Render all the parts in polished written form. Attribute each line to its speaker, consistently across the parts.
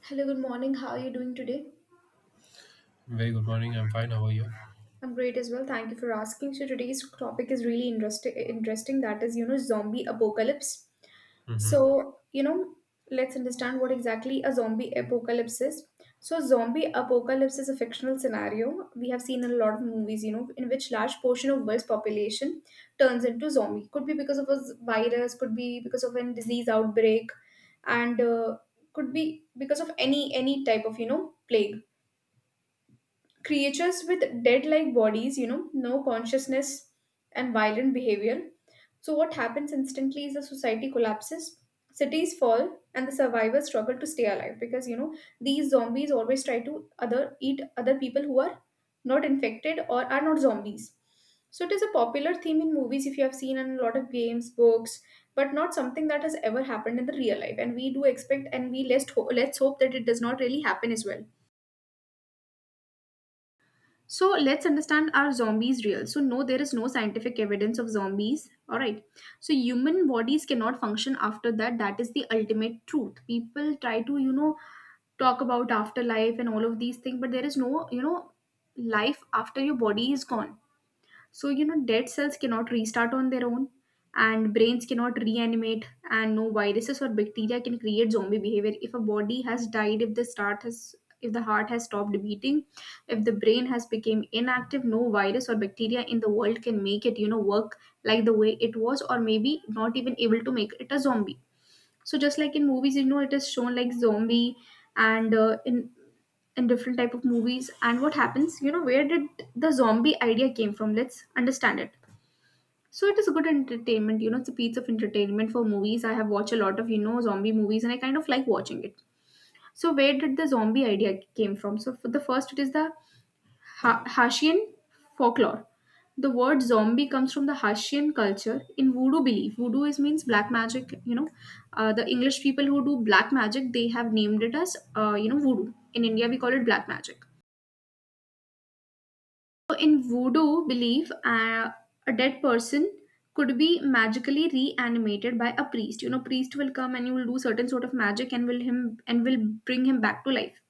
Speaker 1: Hello, good morning. How are you doing today?
Speaker 2: Very good morning. I'm fine. How are you?
Speaker 1: I'm great as well. Thank you for asking. So today's topic is really interesting that is, zombie apocalypse.
Speaker 2: Hmm.
Speaker 1: So, you know, let's understand what exactly a zombie apocalypse is. So zombie apocalypse is a fictional scenario we have seen in a lot of movies, in which large portion of world's population turns into zombie. Could be because of a virus, could be because of a disease outbreak and could be because of any type of, plague creatures with dead like bodies, no consciousness and violent behavior. So what happens instantly is the society collapses, cities fall, and the survivors struggle to stay alive because these zombies always try to other eat other people who are not infected or are not zombies. So it is a popular theme in movies if you have seen and a lot of games, books, but not something that has ever happened in the real life. And we do expect and let's hope that it does not really happen as well. So let's understand, are zombies real? So no, there is no scientific evidence of zombies. All right. So human bodies cannot function after that. That is the ultimate truth. People try to talk about afterlife and all of these things, but there is no life after your body is gone. So, dead cells cannot restart on their own, and brains cannot reanimate, and no viruses or bacteria can create zombie behavior. If a body has died, if the heart has stopped beating, if the brain has become inactive, no virus or bacteria in the world can make it, work like the way it was, or maybe not even able to make it a zombie. So just like in movies, it is shown like zombie and in different type of movies. And what happens, where did the zombie idea came from? Let's understand it. So it is a good entertainment, it's a piece of entertainment for movies. I have watched a lot of zombie movies, and I kind of like watching it. So where did the zombie idea came from? So for the first, it is the Haitian folklore. The word zombie comes from the Haitian culture in voodoo belief. Voodoo is means black magic. The English people who do black magic, they have named it as voodoo. In India we call it black magic. So in voodoo belief, a dead person could be magically reanimated by a priest. You know, priest will come and you will do certain sort of magic and will bring him back to life.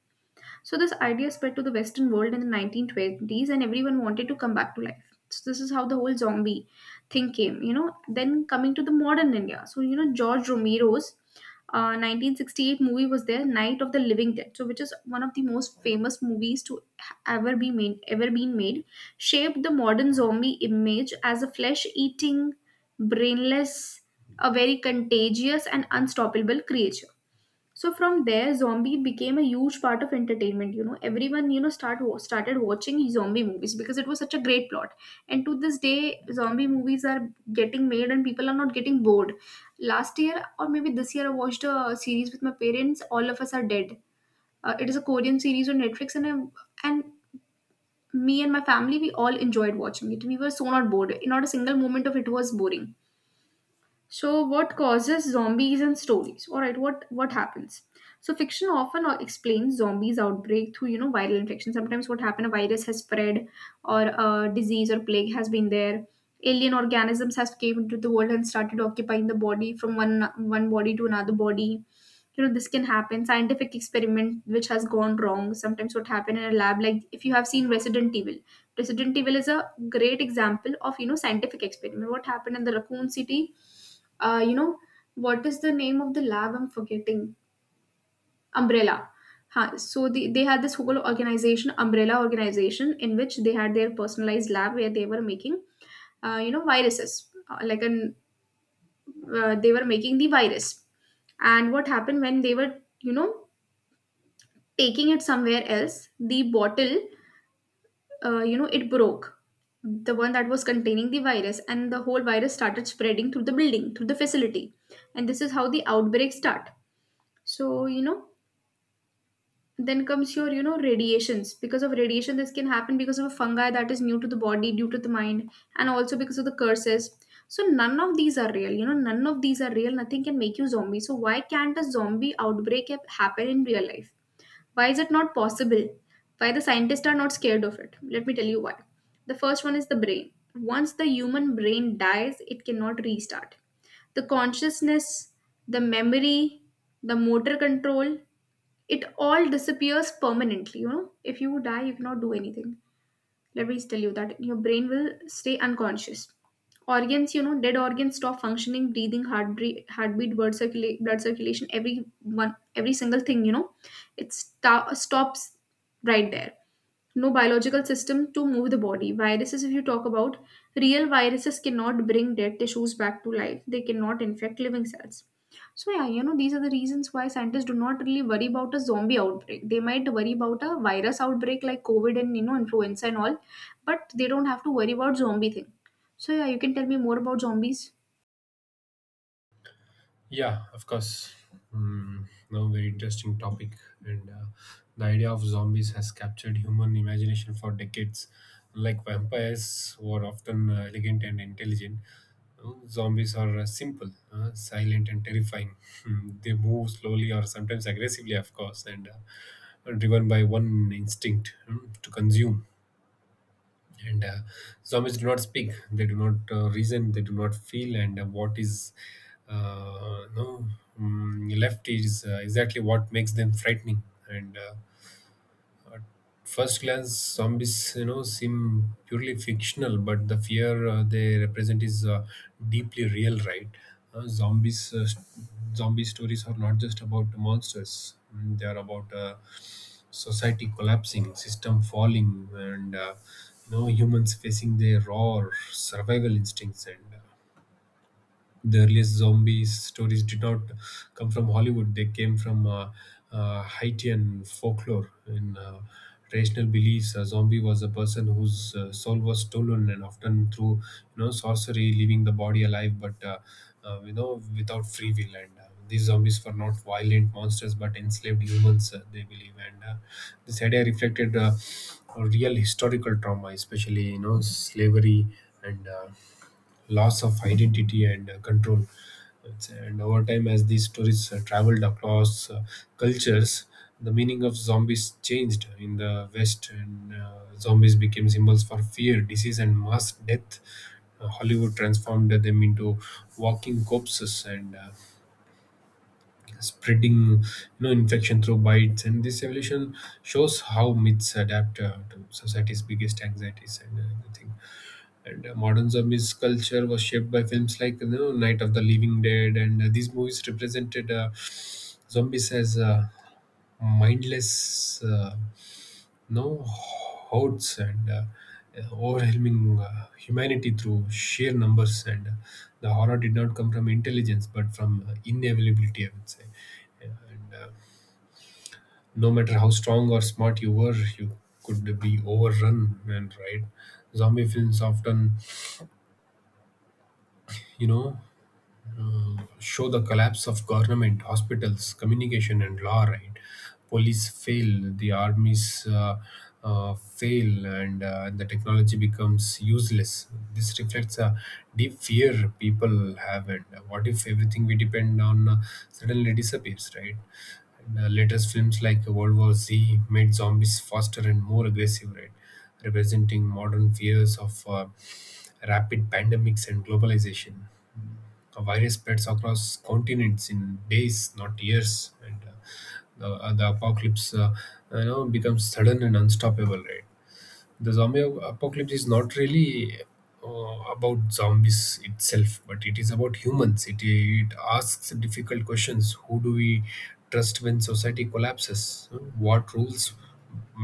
Speaker 1: So this idea spread to the Western world in the 1920s, and everyone wanted to come back to life. So this is how the whole zombie thing came. You know, then coming to the modern India. So you know George Romero's 1968 movie was there, Night of the Living Dead. So which is one of the most famous movies to ever been made, shaped the modern zombie image as a flesh-eating, brainless, a very contagious and unstoppable creature. So from there, zombie became a huge part of entertainment. You know, everyone started watching zombie movies because it was such a great plot. And to this day, zombie movies are getting made, and people are not getting bored. Last year or maybe this year, I watched a series with my parents, All of Us Are Dead. It is a Korean series on Netflix, and and me and my family, we all enjoyed watching it. We were so not bored. Not a single moment of it was boring. So what causes zombies and stories? All right, what happens? So fiction often explains zombies outbreak through, viral infection. Sometimes what happened, a virus has spread or a disease or plague has been there. Alien organisms has came into the world and started occupying the body from one body to another body. You know, this can happen scientific experiment which has gone wrong. Sometimes what happened in a lab, like if you have seen Resident Evil. Resident Evil is a great example of, scientific experiment. What happened in the Raccoon City, uh, you know what is the name of the lab, I'm forgetting. Umbrella. Ha, so the, they had this whole organization, Umbrella organization, in which they had their personalized lab where they were making, viruses. Like an They were making the virus, and what happened when they were, you know taking it somewhere else, the bottle, it broke, the one that was containing the virus, and the whole virus started spreading through the building, through the facility. And this is how the outbreak start. So, then comes your, radiations. Because of radiation, this can happen, because of a fungi that is new to the body, due to the mind, and also because of the curses. So none of these are real. You know, none of these are real. Nothing can make you zombie. So why can't a zombie outbreak happen in real life? Why is it not possible? Why the scientists are not scared of it? Let me tell you why. The first one is the brain. Once the human brain dies, it cannot restart. The consciousness, the memory, the motor control, it all disappears permanently. You know, if you die, you cannot do anything. Let me tell you that your brain will stay unconscious. Organs, dead organs stop functioning, breathing, heartbeat, blood circulation, every single thing, it stops right there. No biological system to move the body. Viruses, if you talk about real viruses, cannot bring dead tissues back to life. They cannot infect living cells. So yeah, you know, these are the reasons why scientists do not really worry about a zombie outbreak. They might worry about a virus outbreak like COVID and, influenza and all, but they don't have to worry about zombie thing. So yeah, you can tell me more about zombies.
Speaker 2: Yeah, of course. Mm, no, very interesting topic. And the idea of zombies has captured human imagination for decades. Like vampires were often elegant and intelligent. Zombies are simple, silent, and terrifying. They move slowly or sometimes aggressively, of course, and are driven by one instinct, to consume. And zombies do not speak, they do not reason, they do not feel, and what is no mm, left is exactly what makes them frightening. And first glance, zombies, you know, seem purely fictional, but the fear they represent is deeply real, right? uh, zombies uh, st- Zombie stories are not just about monsters. They are about society collapsing, system falling, and you know, humans facing their raw survival instincts. And the earliest zombie stories did not come from Hollywood. They came from Haitian folklore. In traditional beliefs, a zombie was a person whose soul was stolen, and often through, you know, sorcery, leaving the body alive but you know, without free will. And these zombies were not violent monsters, but enslaved humans, they believe. And this idea reflected a real historical trauma, especially, you know, slavery and. Loss of identity and control. It's- And Over time, as these stories traveled across cultures, the meaning of zombies changed in the West, and zombies became symbols for fear, disease, and mass death. Hollywood transformed them into walking corpses and spreading, you know, infection through bites. And this evolution shows how myths adapt to society's biggest anxieties and everything. And modern zombies culture was shaped by films like, you know, Night of the Living Dead, and these movies represented zombies as mindless, no hordes, and overwhelming humanity through sheer numbers. And the horror did not come from intelligence, but from inevitability, I would say. And no matter how strong or smart you were, you could be overrun, and right. Zombie films often, you know, show the collapse of government, hospitals, communication, and law, right? Police fail, the armies fail, and the technology becomes useless. This reflects a deep fear people have, and what if everything we depend on suddenly disappears, right? And, latest films like World War Z made zombies faster and more aggressive, right? Representing modern fears of rapid pandemics and globalization. A virus spreads across continents in days, not years, and the apocalypse, you know, becomes sudden and unstoppable. Right? The apocalypse is not really uh, about zombies itself, but it is about humans. It asks difficult questions: who do we trust when society collapses? What rules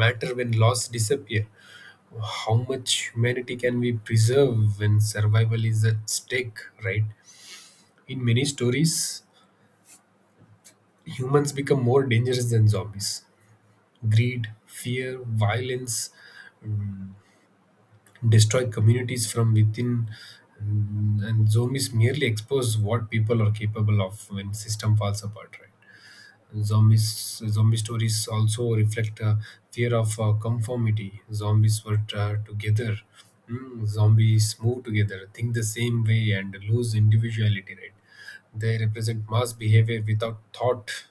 Speaker 2: matter when laws disappear? How much humanity can we preserve when survival is at stake? Right? In many stories, humans become more dangerous than zombies. Greed, fear, violence mm, destroy communities from within, and zombies merely expose what people are capable of when system falls apart. Right? Zombies, zombie stories also reflect a fear of conformity. Zombies were together. Zombies move together, think the same way, and lose individuality. Right? They represent mass behavior without thought.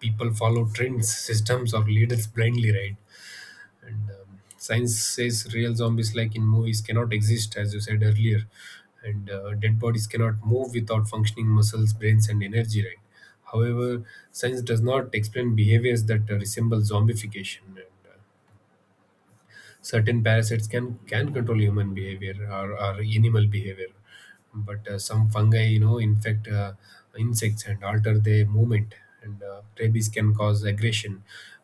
Speaker 2: People follow trends, systems, or leaders blindly. Right? and science says real zombies like in movies cannot exist, as you said earlier, and dead bodies cannot move without functioning muscles, brains, and energy, right? However, science does not explain behaviors that resemble zombification, and certain parasites can control human behavior or animal behavior. But some fungi, you know, infect insects and alter their movement, and rabies can cause aggression,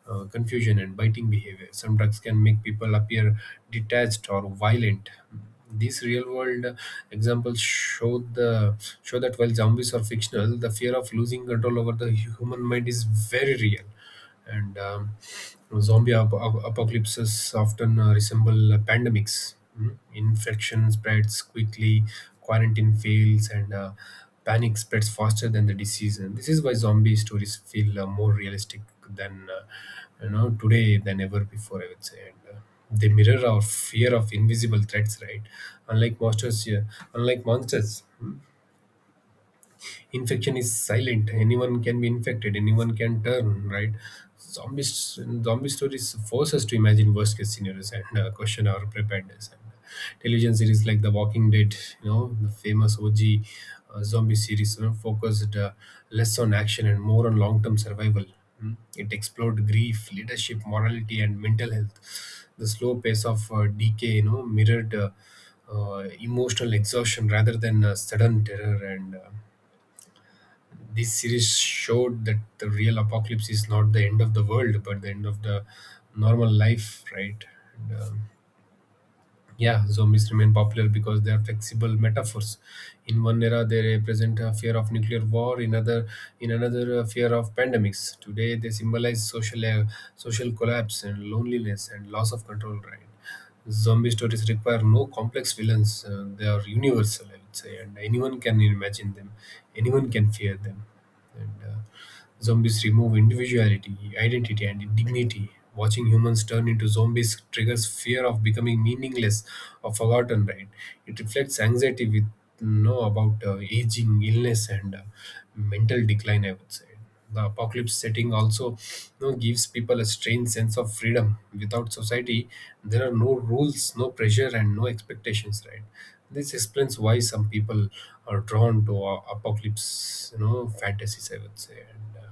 Speaker 2: confusion, and biting behavior. Some drugs can make people appear detached or violent. These real world examples show that while zombies are fictional, the fear of losing control over the human mind is very real. And zombie ap- ap- Apocalypses often resemble pandemics. Mm. Infection spreads quickly, quarantine fails, and panic spreads faster than the disease. And this is why zombie stories feel more realistic than you know, today than ever before, I would say. And, they mirror our fear of invisible threats, right? Unlike monsters, yeah, unlike monsters, infection is silent. Anyone can be infected, anyone can turn, right? Zombie stories force us to imagine worst case scenarios and question our preparedness. And television series like The Walking Dead, you know, the famous OG zombie series, you know, focused less on action and more on long-term survival. Mm. It explored grief, leadership, morality, and mental health. The slow pace of decay, you know, mirrored emotional exhaustion rather than sudden terror. And this series showed that the real apocalypse is not the end of the world, but the end of the normal life, right? and, um, yeah, zombies remain popular because they are flexible metaphors. In one era, they represent a fear of nuclear war. In other, in another, a fear of pandemics. Today, they symbolize social collapse and loneliness and loss of control. Right? Zombie stories require no complex villains. They are universal, I would say, and anyone can imagine them. Anyone can fear them. And Zombies remove individuality, identity, and dignity. Watching humans turn into zombies triggers fear of becoming meaningless or forgotten, right? It reflects anxiety with no about aging, illness, and mental decline, I would say. The apocalypse setting also, you know, gives people a strange sense of freedom. Without society, there are no rules, no pressure, and no expectations, right? This explains why some people are drawn to apocalypse, you know, fantasies, I would say. And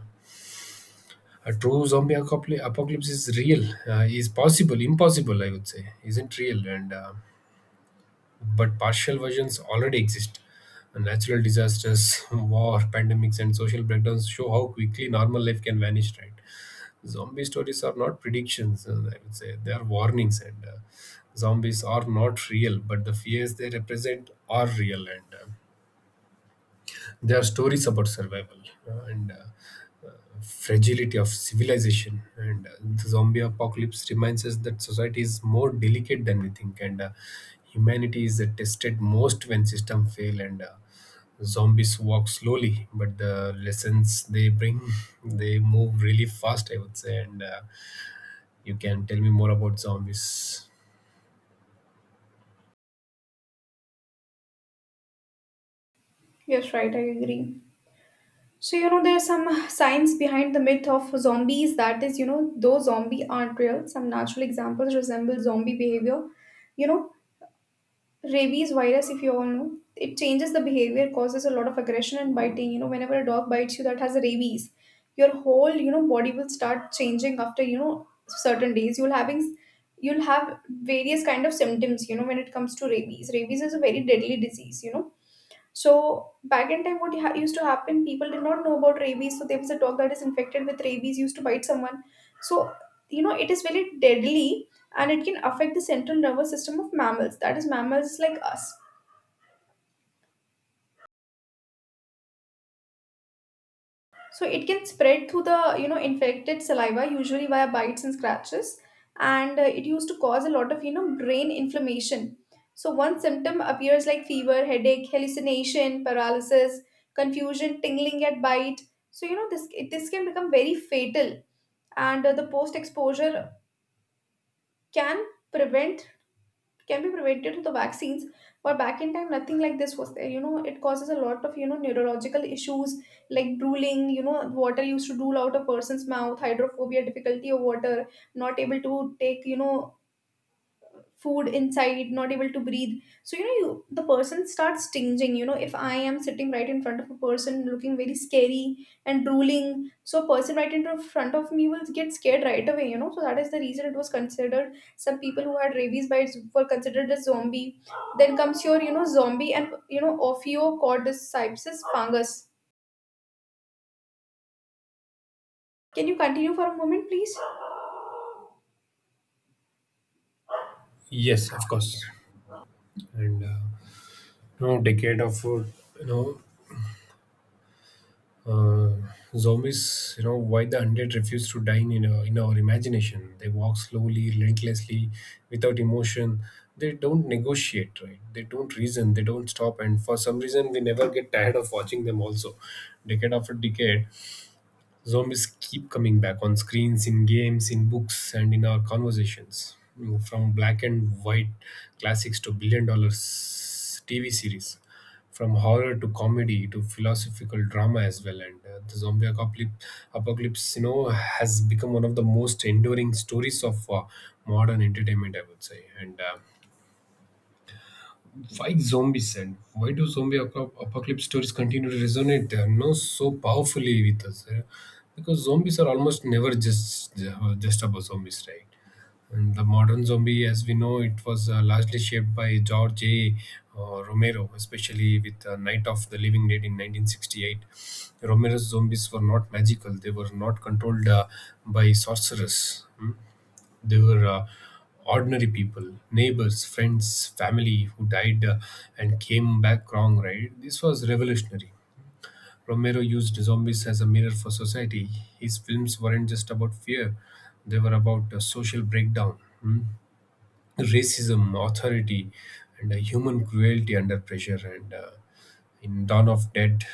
Speaker 2: A true apocalypse is real, is possible, impossible, I would say, isn't real, and but partial versions already exist. And natural disasters, war, pandemics, and social breakdowns show how quickly normal life can vanish. Right? Zombie stories are not predictions, I would say. They are warnings, and. Zombies are not real, but the fears they represent are real. And there are stories about survival and fragility of civilization, and the zombie apocalypse reminds us that society is more delicate than we think, and humanity is tested most when systems fail, and zombies walk slowly, but the lessons they bring, they move really fast, I would say. And You can tell me more about zombies.
Speaker 1: Yes, right, I agree. So, there's some science behind the myth of zombies, that is, though zombie aren't real, some natural examples resemble zombie behavior. You know, rabies virus, if you all know, it changes the behavior, causes a lot of aggression and biting. You know, whenever a dog bites you that has rabies, your whole, body will start changing. After, certain days, you'll have various kind of symptoms. You know, when it comes to rabies, rabies is a very deadly disease, you know. So back in time, what used to happen, people did not know about rabies. So there was a dog that is infected with rabies used to bite someone. So, it is very deadly, and it can affect the central nervous system of mammals. That is mammals like us. So it can spread through the, infected saliva, usually via bites and scratches, and it used to cause a lot of, brain inflammation. So one symptom appears like fever, headache, hallucination, paralysis, confusion, tingling at bite. So, this can become very fatal, and the post exposure can prevent can be prevented with the vaccines. But back in time nothing like this was there. You know, it causes a lot of, neurological issues like drooling. You know, water used to drool out a person's mouth, hydrophobia, difficulty of water, not able to take, food inside, not able to breathe. So, you the person starts stinging. You know, if I am sitting right in front of a person looking very scary and drooling, so a person right in front of me will get scared right away, you know. So that is the reason it was considered, some people who had rabies bites were considered a zombie. Then comes your, zombie and, ophiocordyceps fungus. Can you continue for a moment please?
Speaker 2: Yes, of course. And you know, decade of food, you know, uh, zombies, you know, why the undead refuse to die in our imagination. They walk slowly, relentlessly, without emotion. They don't negotiate, right? They don't reason. They don't stop. And for some reason, we never get tired of watching them. Also, decade after decade, zombies keep coming back on screens, in games, in books, and in our conversations. From black and white classics to billion dollar TV series, from horror to comedy to philosophical drama as well. And the apocalypse, you know, has become one of the most enduring stories of modern entertainment, I would say. And why zombie send? Why do apocalypse stories continue to resonate no so powerfully with us, eh? Because zombies are almost never just just about zombies, right? And the modern zombie, as we know, it was largely shaped by George A. Romero, especially with Night of the Living Dead in 1968. Romero's zombies were not magical; they were not controlled by sorcerers. Hmm? They were ordinary people, neighbors, friends, family who died and came back wrong, right? This was revolutionary. Romero used zombies as a mirror for society. His films weren't just about fear, they were about social breakdown. Hmm? Racism, authority, and human cruelty under pressure. And in Dawn of Dead,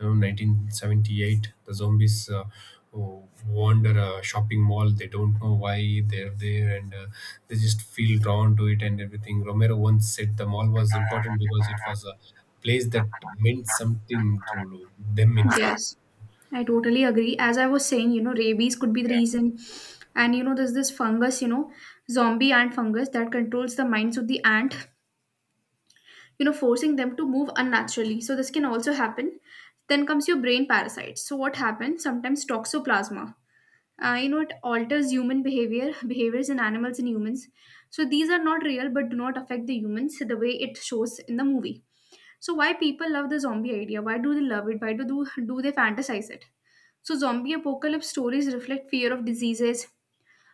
Speaker 2: you know, 1978, the zombies wander a shopping mall. They don't know why they're there, and they just feel drawn to it and everything. Romero once said the mall was important because it was a place that meant something to them in life.
Speaker 1: Yes, I totally agree. As I was saying, rabies could be the
Speaker 2: Yeah.
Speaker 1: reason. And there's this fungus, zombie ant fungus that controls the minds of the ant, forcing them to move unnaturally, so this can also happen. Then comes your brain parasites. So what happens sometimes, toxoplasma, it alters human behavior, behaviors in animals and humans. So these are not real but do not affect the humans the way it shows in the movie. So why people love the zombie idea? Why do they love it? Why do they fantasize it? So zombie apocalypse stories reflect fear of diseases,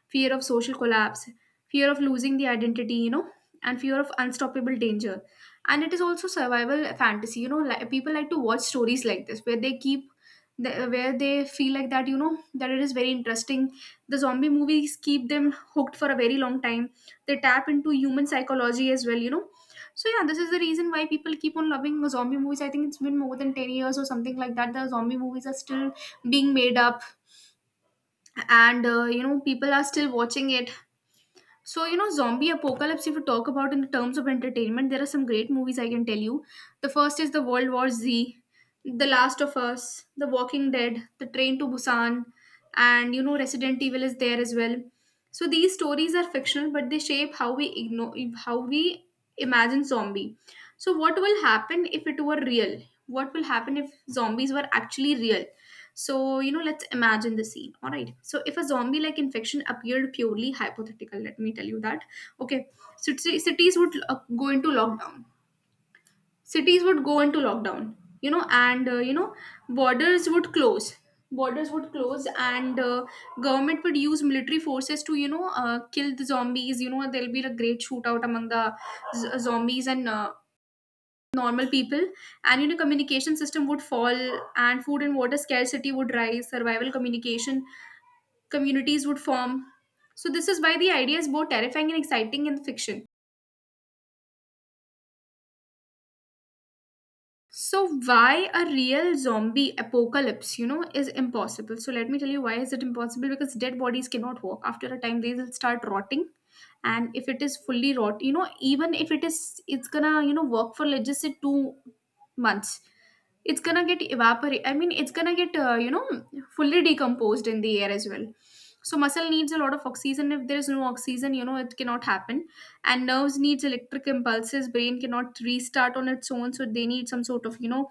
Speaker 1: fear of social collapse, fear of losing the identity, and fear of unstoppable danger. And it is also survival fantasy, like, people like to watch stories like this where they keep the, where they feel like that, that it is very interesting. The zombie movies keep them hooked for a very long time. They tap into human psychology as well. So yeah, this is the reason why people keep on loving zombie movies. I think it's been more than 10 years or something like that. The zombie movies are still being made up, and people are still watching it. So, zombie apocalypse, if you talk about in the terms of entertainment, there are some great movies I can tell you. The first is The World War Z, The Last of Us, The Walking Dead, The Train to Busan, and, Resident Evil is there as well. So these stories are fictional, but they shape how we ignore, how we imagine zombie. So what will happen if it were real? What will happen if zombies were actually real? So, let's imagine the scene. All right. So, if a zombie like infection appeared, purely hypothetical, let me tell you that. Okay. So, cities would go into lockdown. Cities would go into lockdown, you know, and, uh, you know, borders would close. Borders would close, and government would use military forces to, kill the zombies. You know, there'll be a great shootout among the zombies and normal people. And communication system would fall, and food and water scarcity would rise. Survival communication, communities would form. So this is why the idea is both terrifying and exciting in fiction. So why a real zombie apocalypse is impossible? So let me tell you why is it impossible. Because dead bodies cannot walk. After a time, they will start rotting. And if it is fully rot, even if it is, it's gonna, work for let's just say 2 months, it's gonna get evaporate. I mean, it's gonna get fully decomposed in the air as well. So muscle needs a lot of oxygen. If there is no oxygen, it cannot happen. And nerves needs electric impulses. Brain cannot restart on its own, so they need some sort of,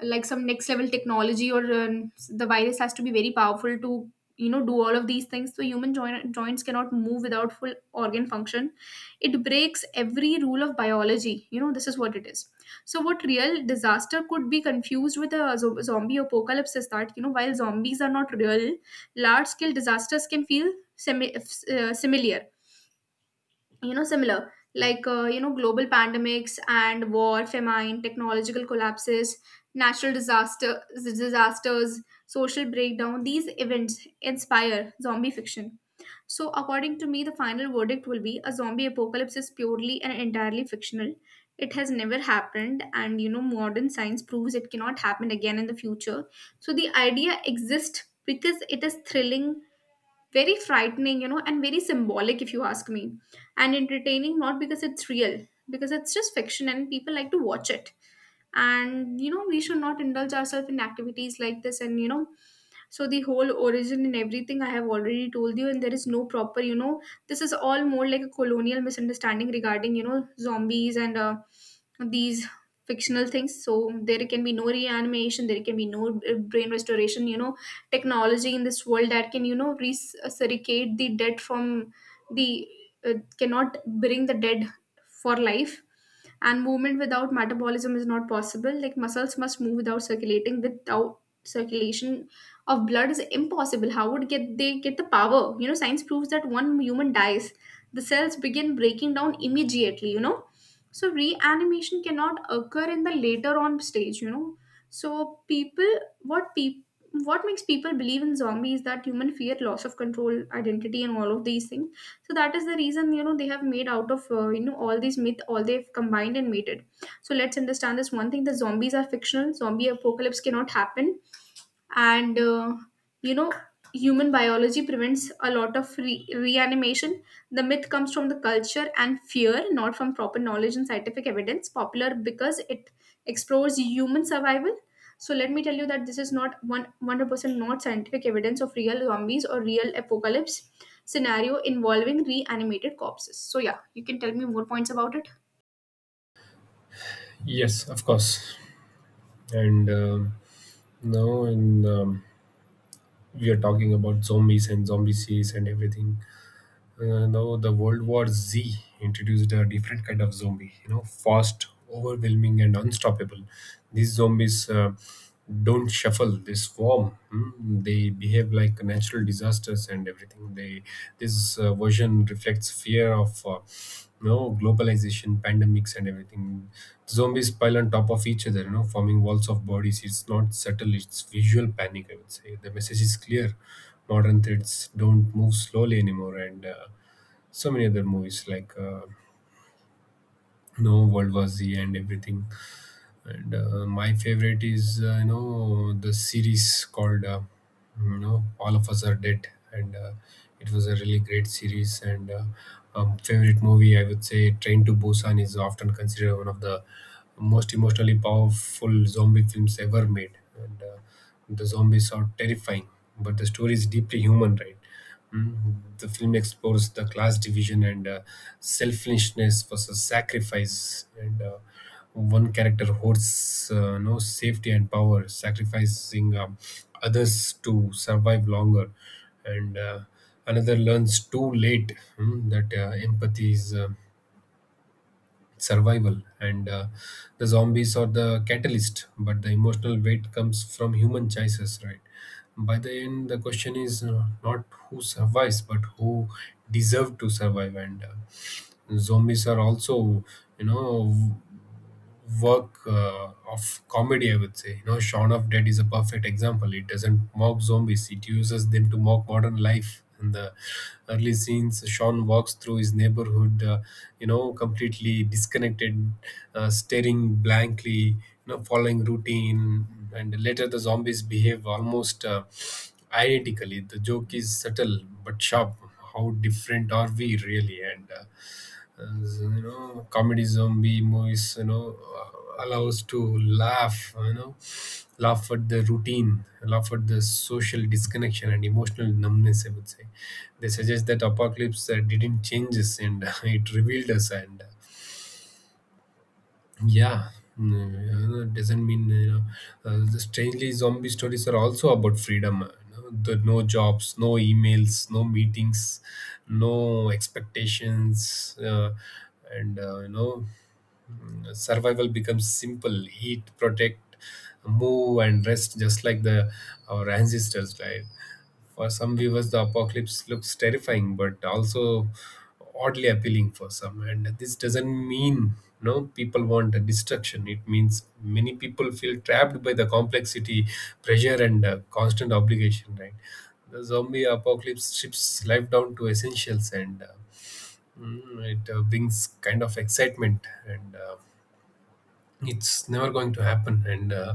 Speaker 1: like some next level technology, or the virus has to be very powerful to, do all of these things. So human joints cannot move without full organ function. It breaks every rule of biology. This is what it is. So what real disaster could be confused with a zombie apocalypse is that, while zombies are not real, large scale disasters can feel similar. You know, similar like, global pandemics and war, famine, technological collapses, natural disasters, social breakdown. These events inspire zombie fiction. So, according to me, the final verdict will be: a zombie apocalypse is purely and entirely fictional. It has never happened, and modern science proves it cannot happen again in the future. So, the idea exists because it is thrilling, very frightening, and very symbolic, if you ask me, and entertaining. Not because it's real, because it's just fiction and people like to watch it. And we should not indulge ourselves in activities like this. And so the whole origin and everything I have already told you, and there is no proper, this is all more like a colonial misunderstanding regarding, zombies and these fictional things. So there can be no reanimation. There can be no brain restoration. You know, technology in this world that can, resurricate the dead from the cannot bring the dead for life. And movement without metabolism is not possible, like muscles must move without circulating, without circulation of blood is impossible. How would get they get the power? You know, science proves that one human dies, the cells begin breaking down immediately. So reanimation cannot occur in the later on stage. So people, what people, what makes people believe in zombies, that human fear loss of control, identity, and all of these things. So that is the reason, they have made out of, all these myth, all they've combined and made it. So let's understand this one thing: the zombies are fictional, zombie apocalypse cannot happen. And you know human biology prevents a lot of reanimation. The myth comes from the culture and fear, not from proper knowledge and scientific evidence. Popular because it explores human survival. So let me tell you that this is not one, 100% not scientific evidence of real zombies or real apocalypse scenario involving reanimated corpses. So yeah, you can tell me more points about it.
Speaker 2: Yes, of course. And now in We are talking about zombies and zombie series and everything. Now, the World War Z introduced a different kind of zombie. You know, fast, overwhelming, and unstoppable. These zombies don't shuffle; they swarm. They behave like natural disasters and everything. They this version reflects fear of, you know, globalization, pandemics, and everything. Zombies pile on top of each other, you know, forming walls of bodies. It's not subtle, it's visual panic, I would say. The message is clear. Modern threads don't move slowly anymore and So many other movies like you World War Z and everything. And My favorite is you know, the series called you know, All of Us Are Dead. And it was a really great series and Favorite movie, I would say, Train to Busan is often considered one of the most emotionally powerful zombie films ever made and The zombies are terrifying, but the story is deeply human, right? Mm. The film explores the class division and selflessness versus sacrifice. And One character hoards no safety and power, sacrificing others to survive longer. And Another learns too late, that empathy is survival. And the zombies are the catalyst, but the emotional weight comes from human choices, right? By the end, the question is not who survives, but who deserve to survive and Zombies are also, you know, work of comedy, I would say. You know, Shaun of Dead is a perfect example. It doesn't mock zombies, it uses them to mock modern life. In the early scenes, Sean walks through his neighborhood, you know, completely disconnected, staring blankly, you know, following routine. And later, the zombies behave almost identically. The joke is subtle but sharp. How different are we really? And as you know, comedy zombie movies, you know, allows to laugh, you know, laugh at the routine, laugh at the social disconnection and emotional numbness, I would say. They suggest that apocalypse didn't change us, and it revealed us and Yeah. Mm, you know, doesn't mean, you know, the strangely zombie stories are also about freedom. You know, the no jobs, no emails, no meetings, no expectations. And You know, survival becomes simple. Eat, protect, move, and rest, just like the our ancestors, right? For some viewers, the apocalypse looks terrifying but also oddly appealing for some, and this doesn't mean no people want a destruction. It means many people feel trapped by the complexity, pressure, and constant obligation, right? The zombie apocalypse strips life down to essentials and Mm, it brings kind of excitement and it's never going to happen and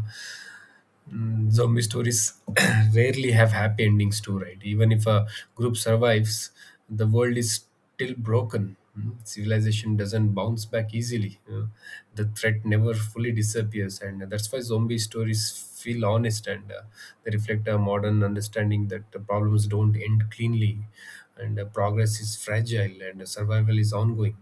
Speaker 2: Mm, zombie stories rarely have happy endings too, right? Even if a group survives, the world is still broken. Mm, civilization doesn't bounce back easily, you know. The threat never fully disappears, and that's why zombie stories feel honest and They reflect a modern understanding that the problems don't end cleanly and progress is fragile and survival is ongoing.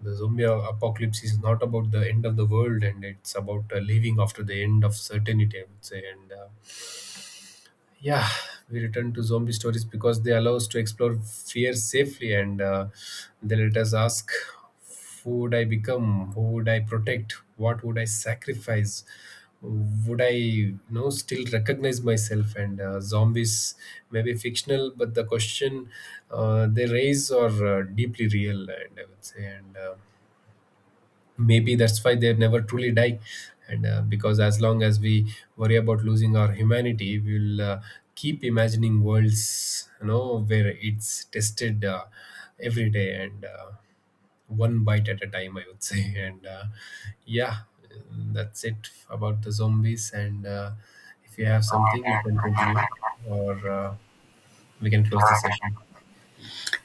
Speaker 2: The zombie apocalypse is not about the end of the world, and it's about living after the end of certainty, I would say. And Yeah, we return to zombie stories because they allow us to explore fear safely, and they let us ask, who would I become? Who would I protect? What would I sacrifice? Would I, you know, still recognize myself? And Zombies may be fictional, but the question they raise are deeply real, and I would say, and. Maybe that's why they never truly die, and because as long as we worry about losing our humanity, we'll keep imagining worlds, you know, where it's tested every day, and one bite at a time, I would say. And yeah, that's it about the zombies and If you have something, you can continue, or we can close the session.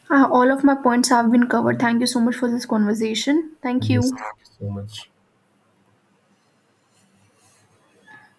Speaker 1: All of my points have been covered. Thank you so much for this conversation. Thank
Speaker 2: Yes,
Speaker 1: you.
Speaker 2: thank you so much.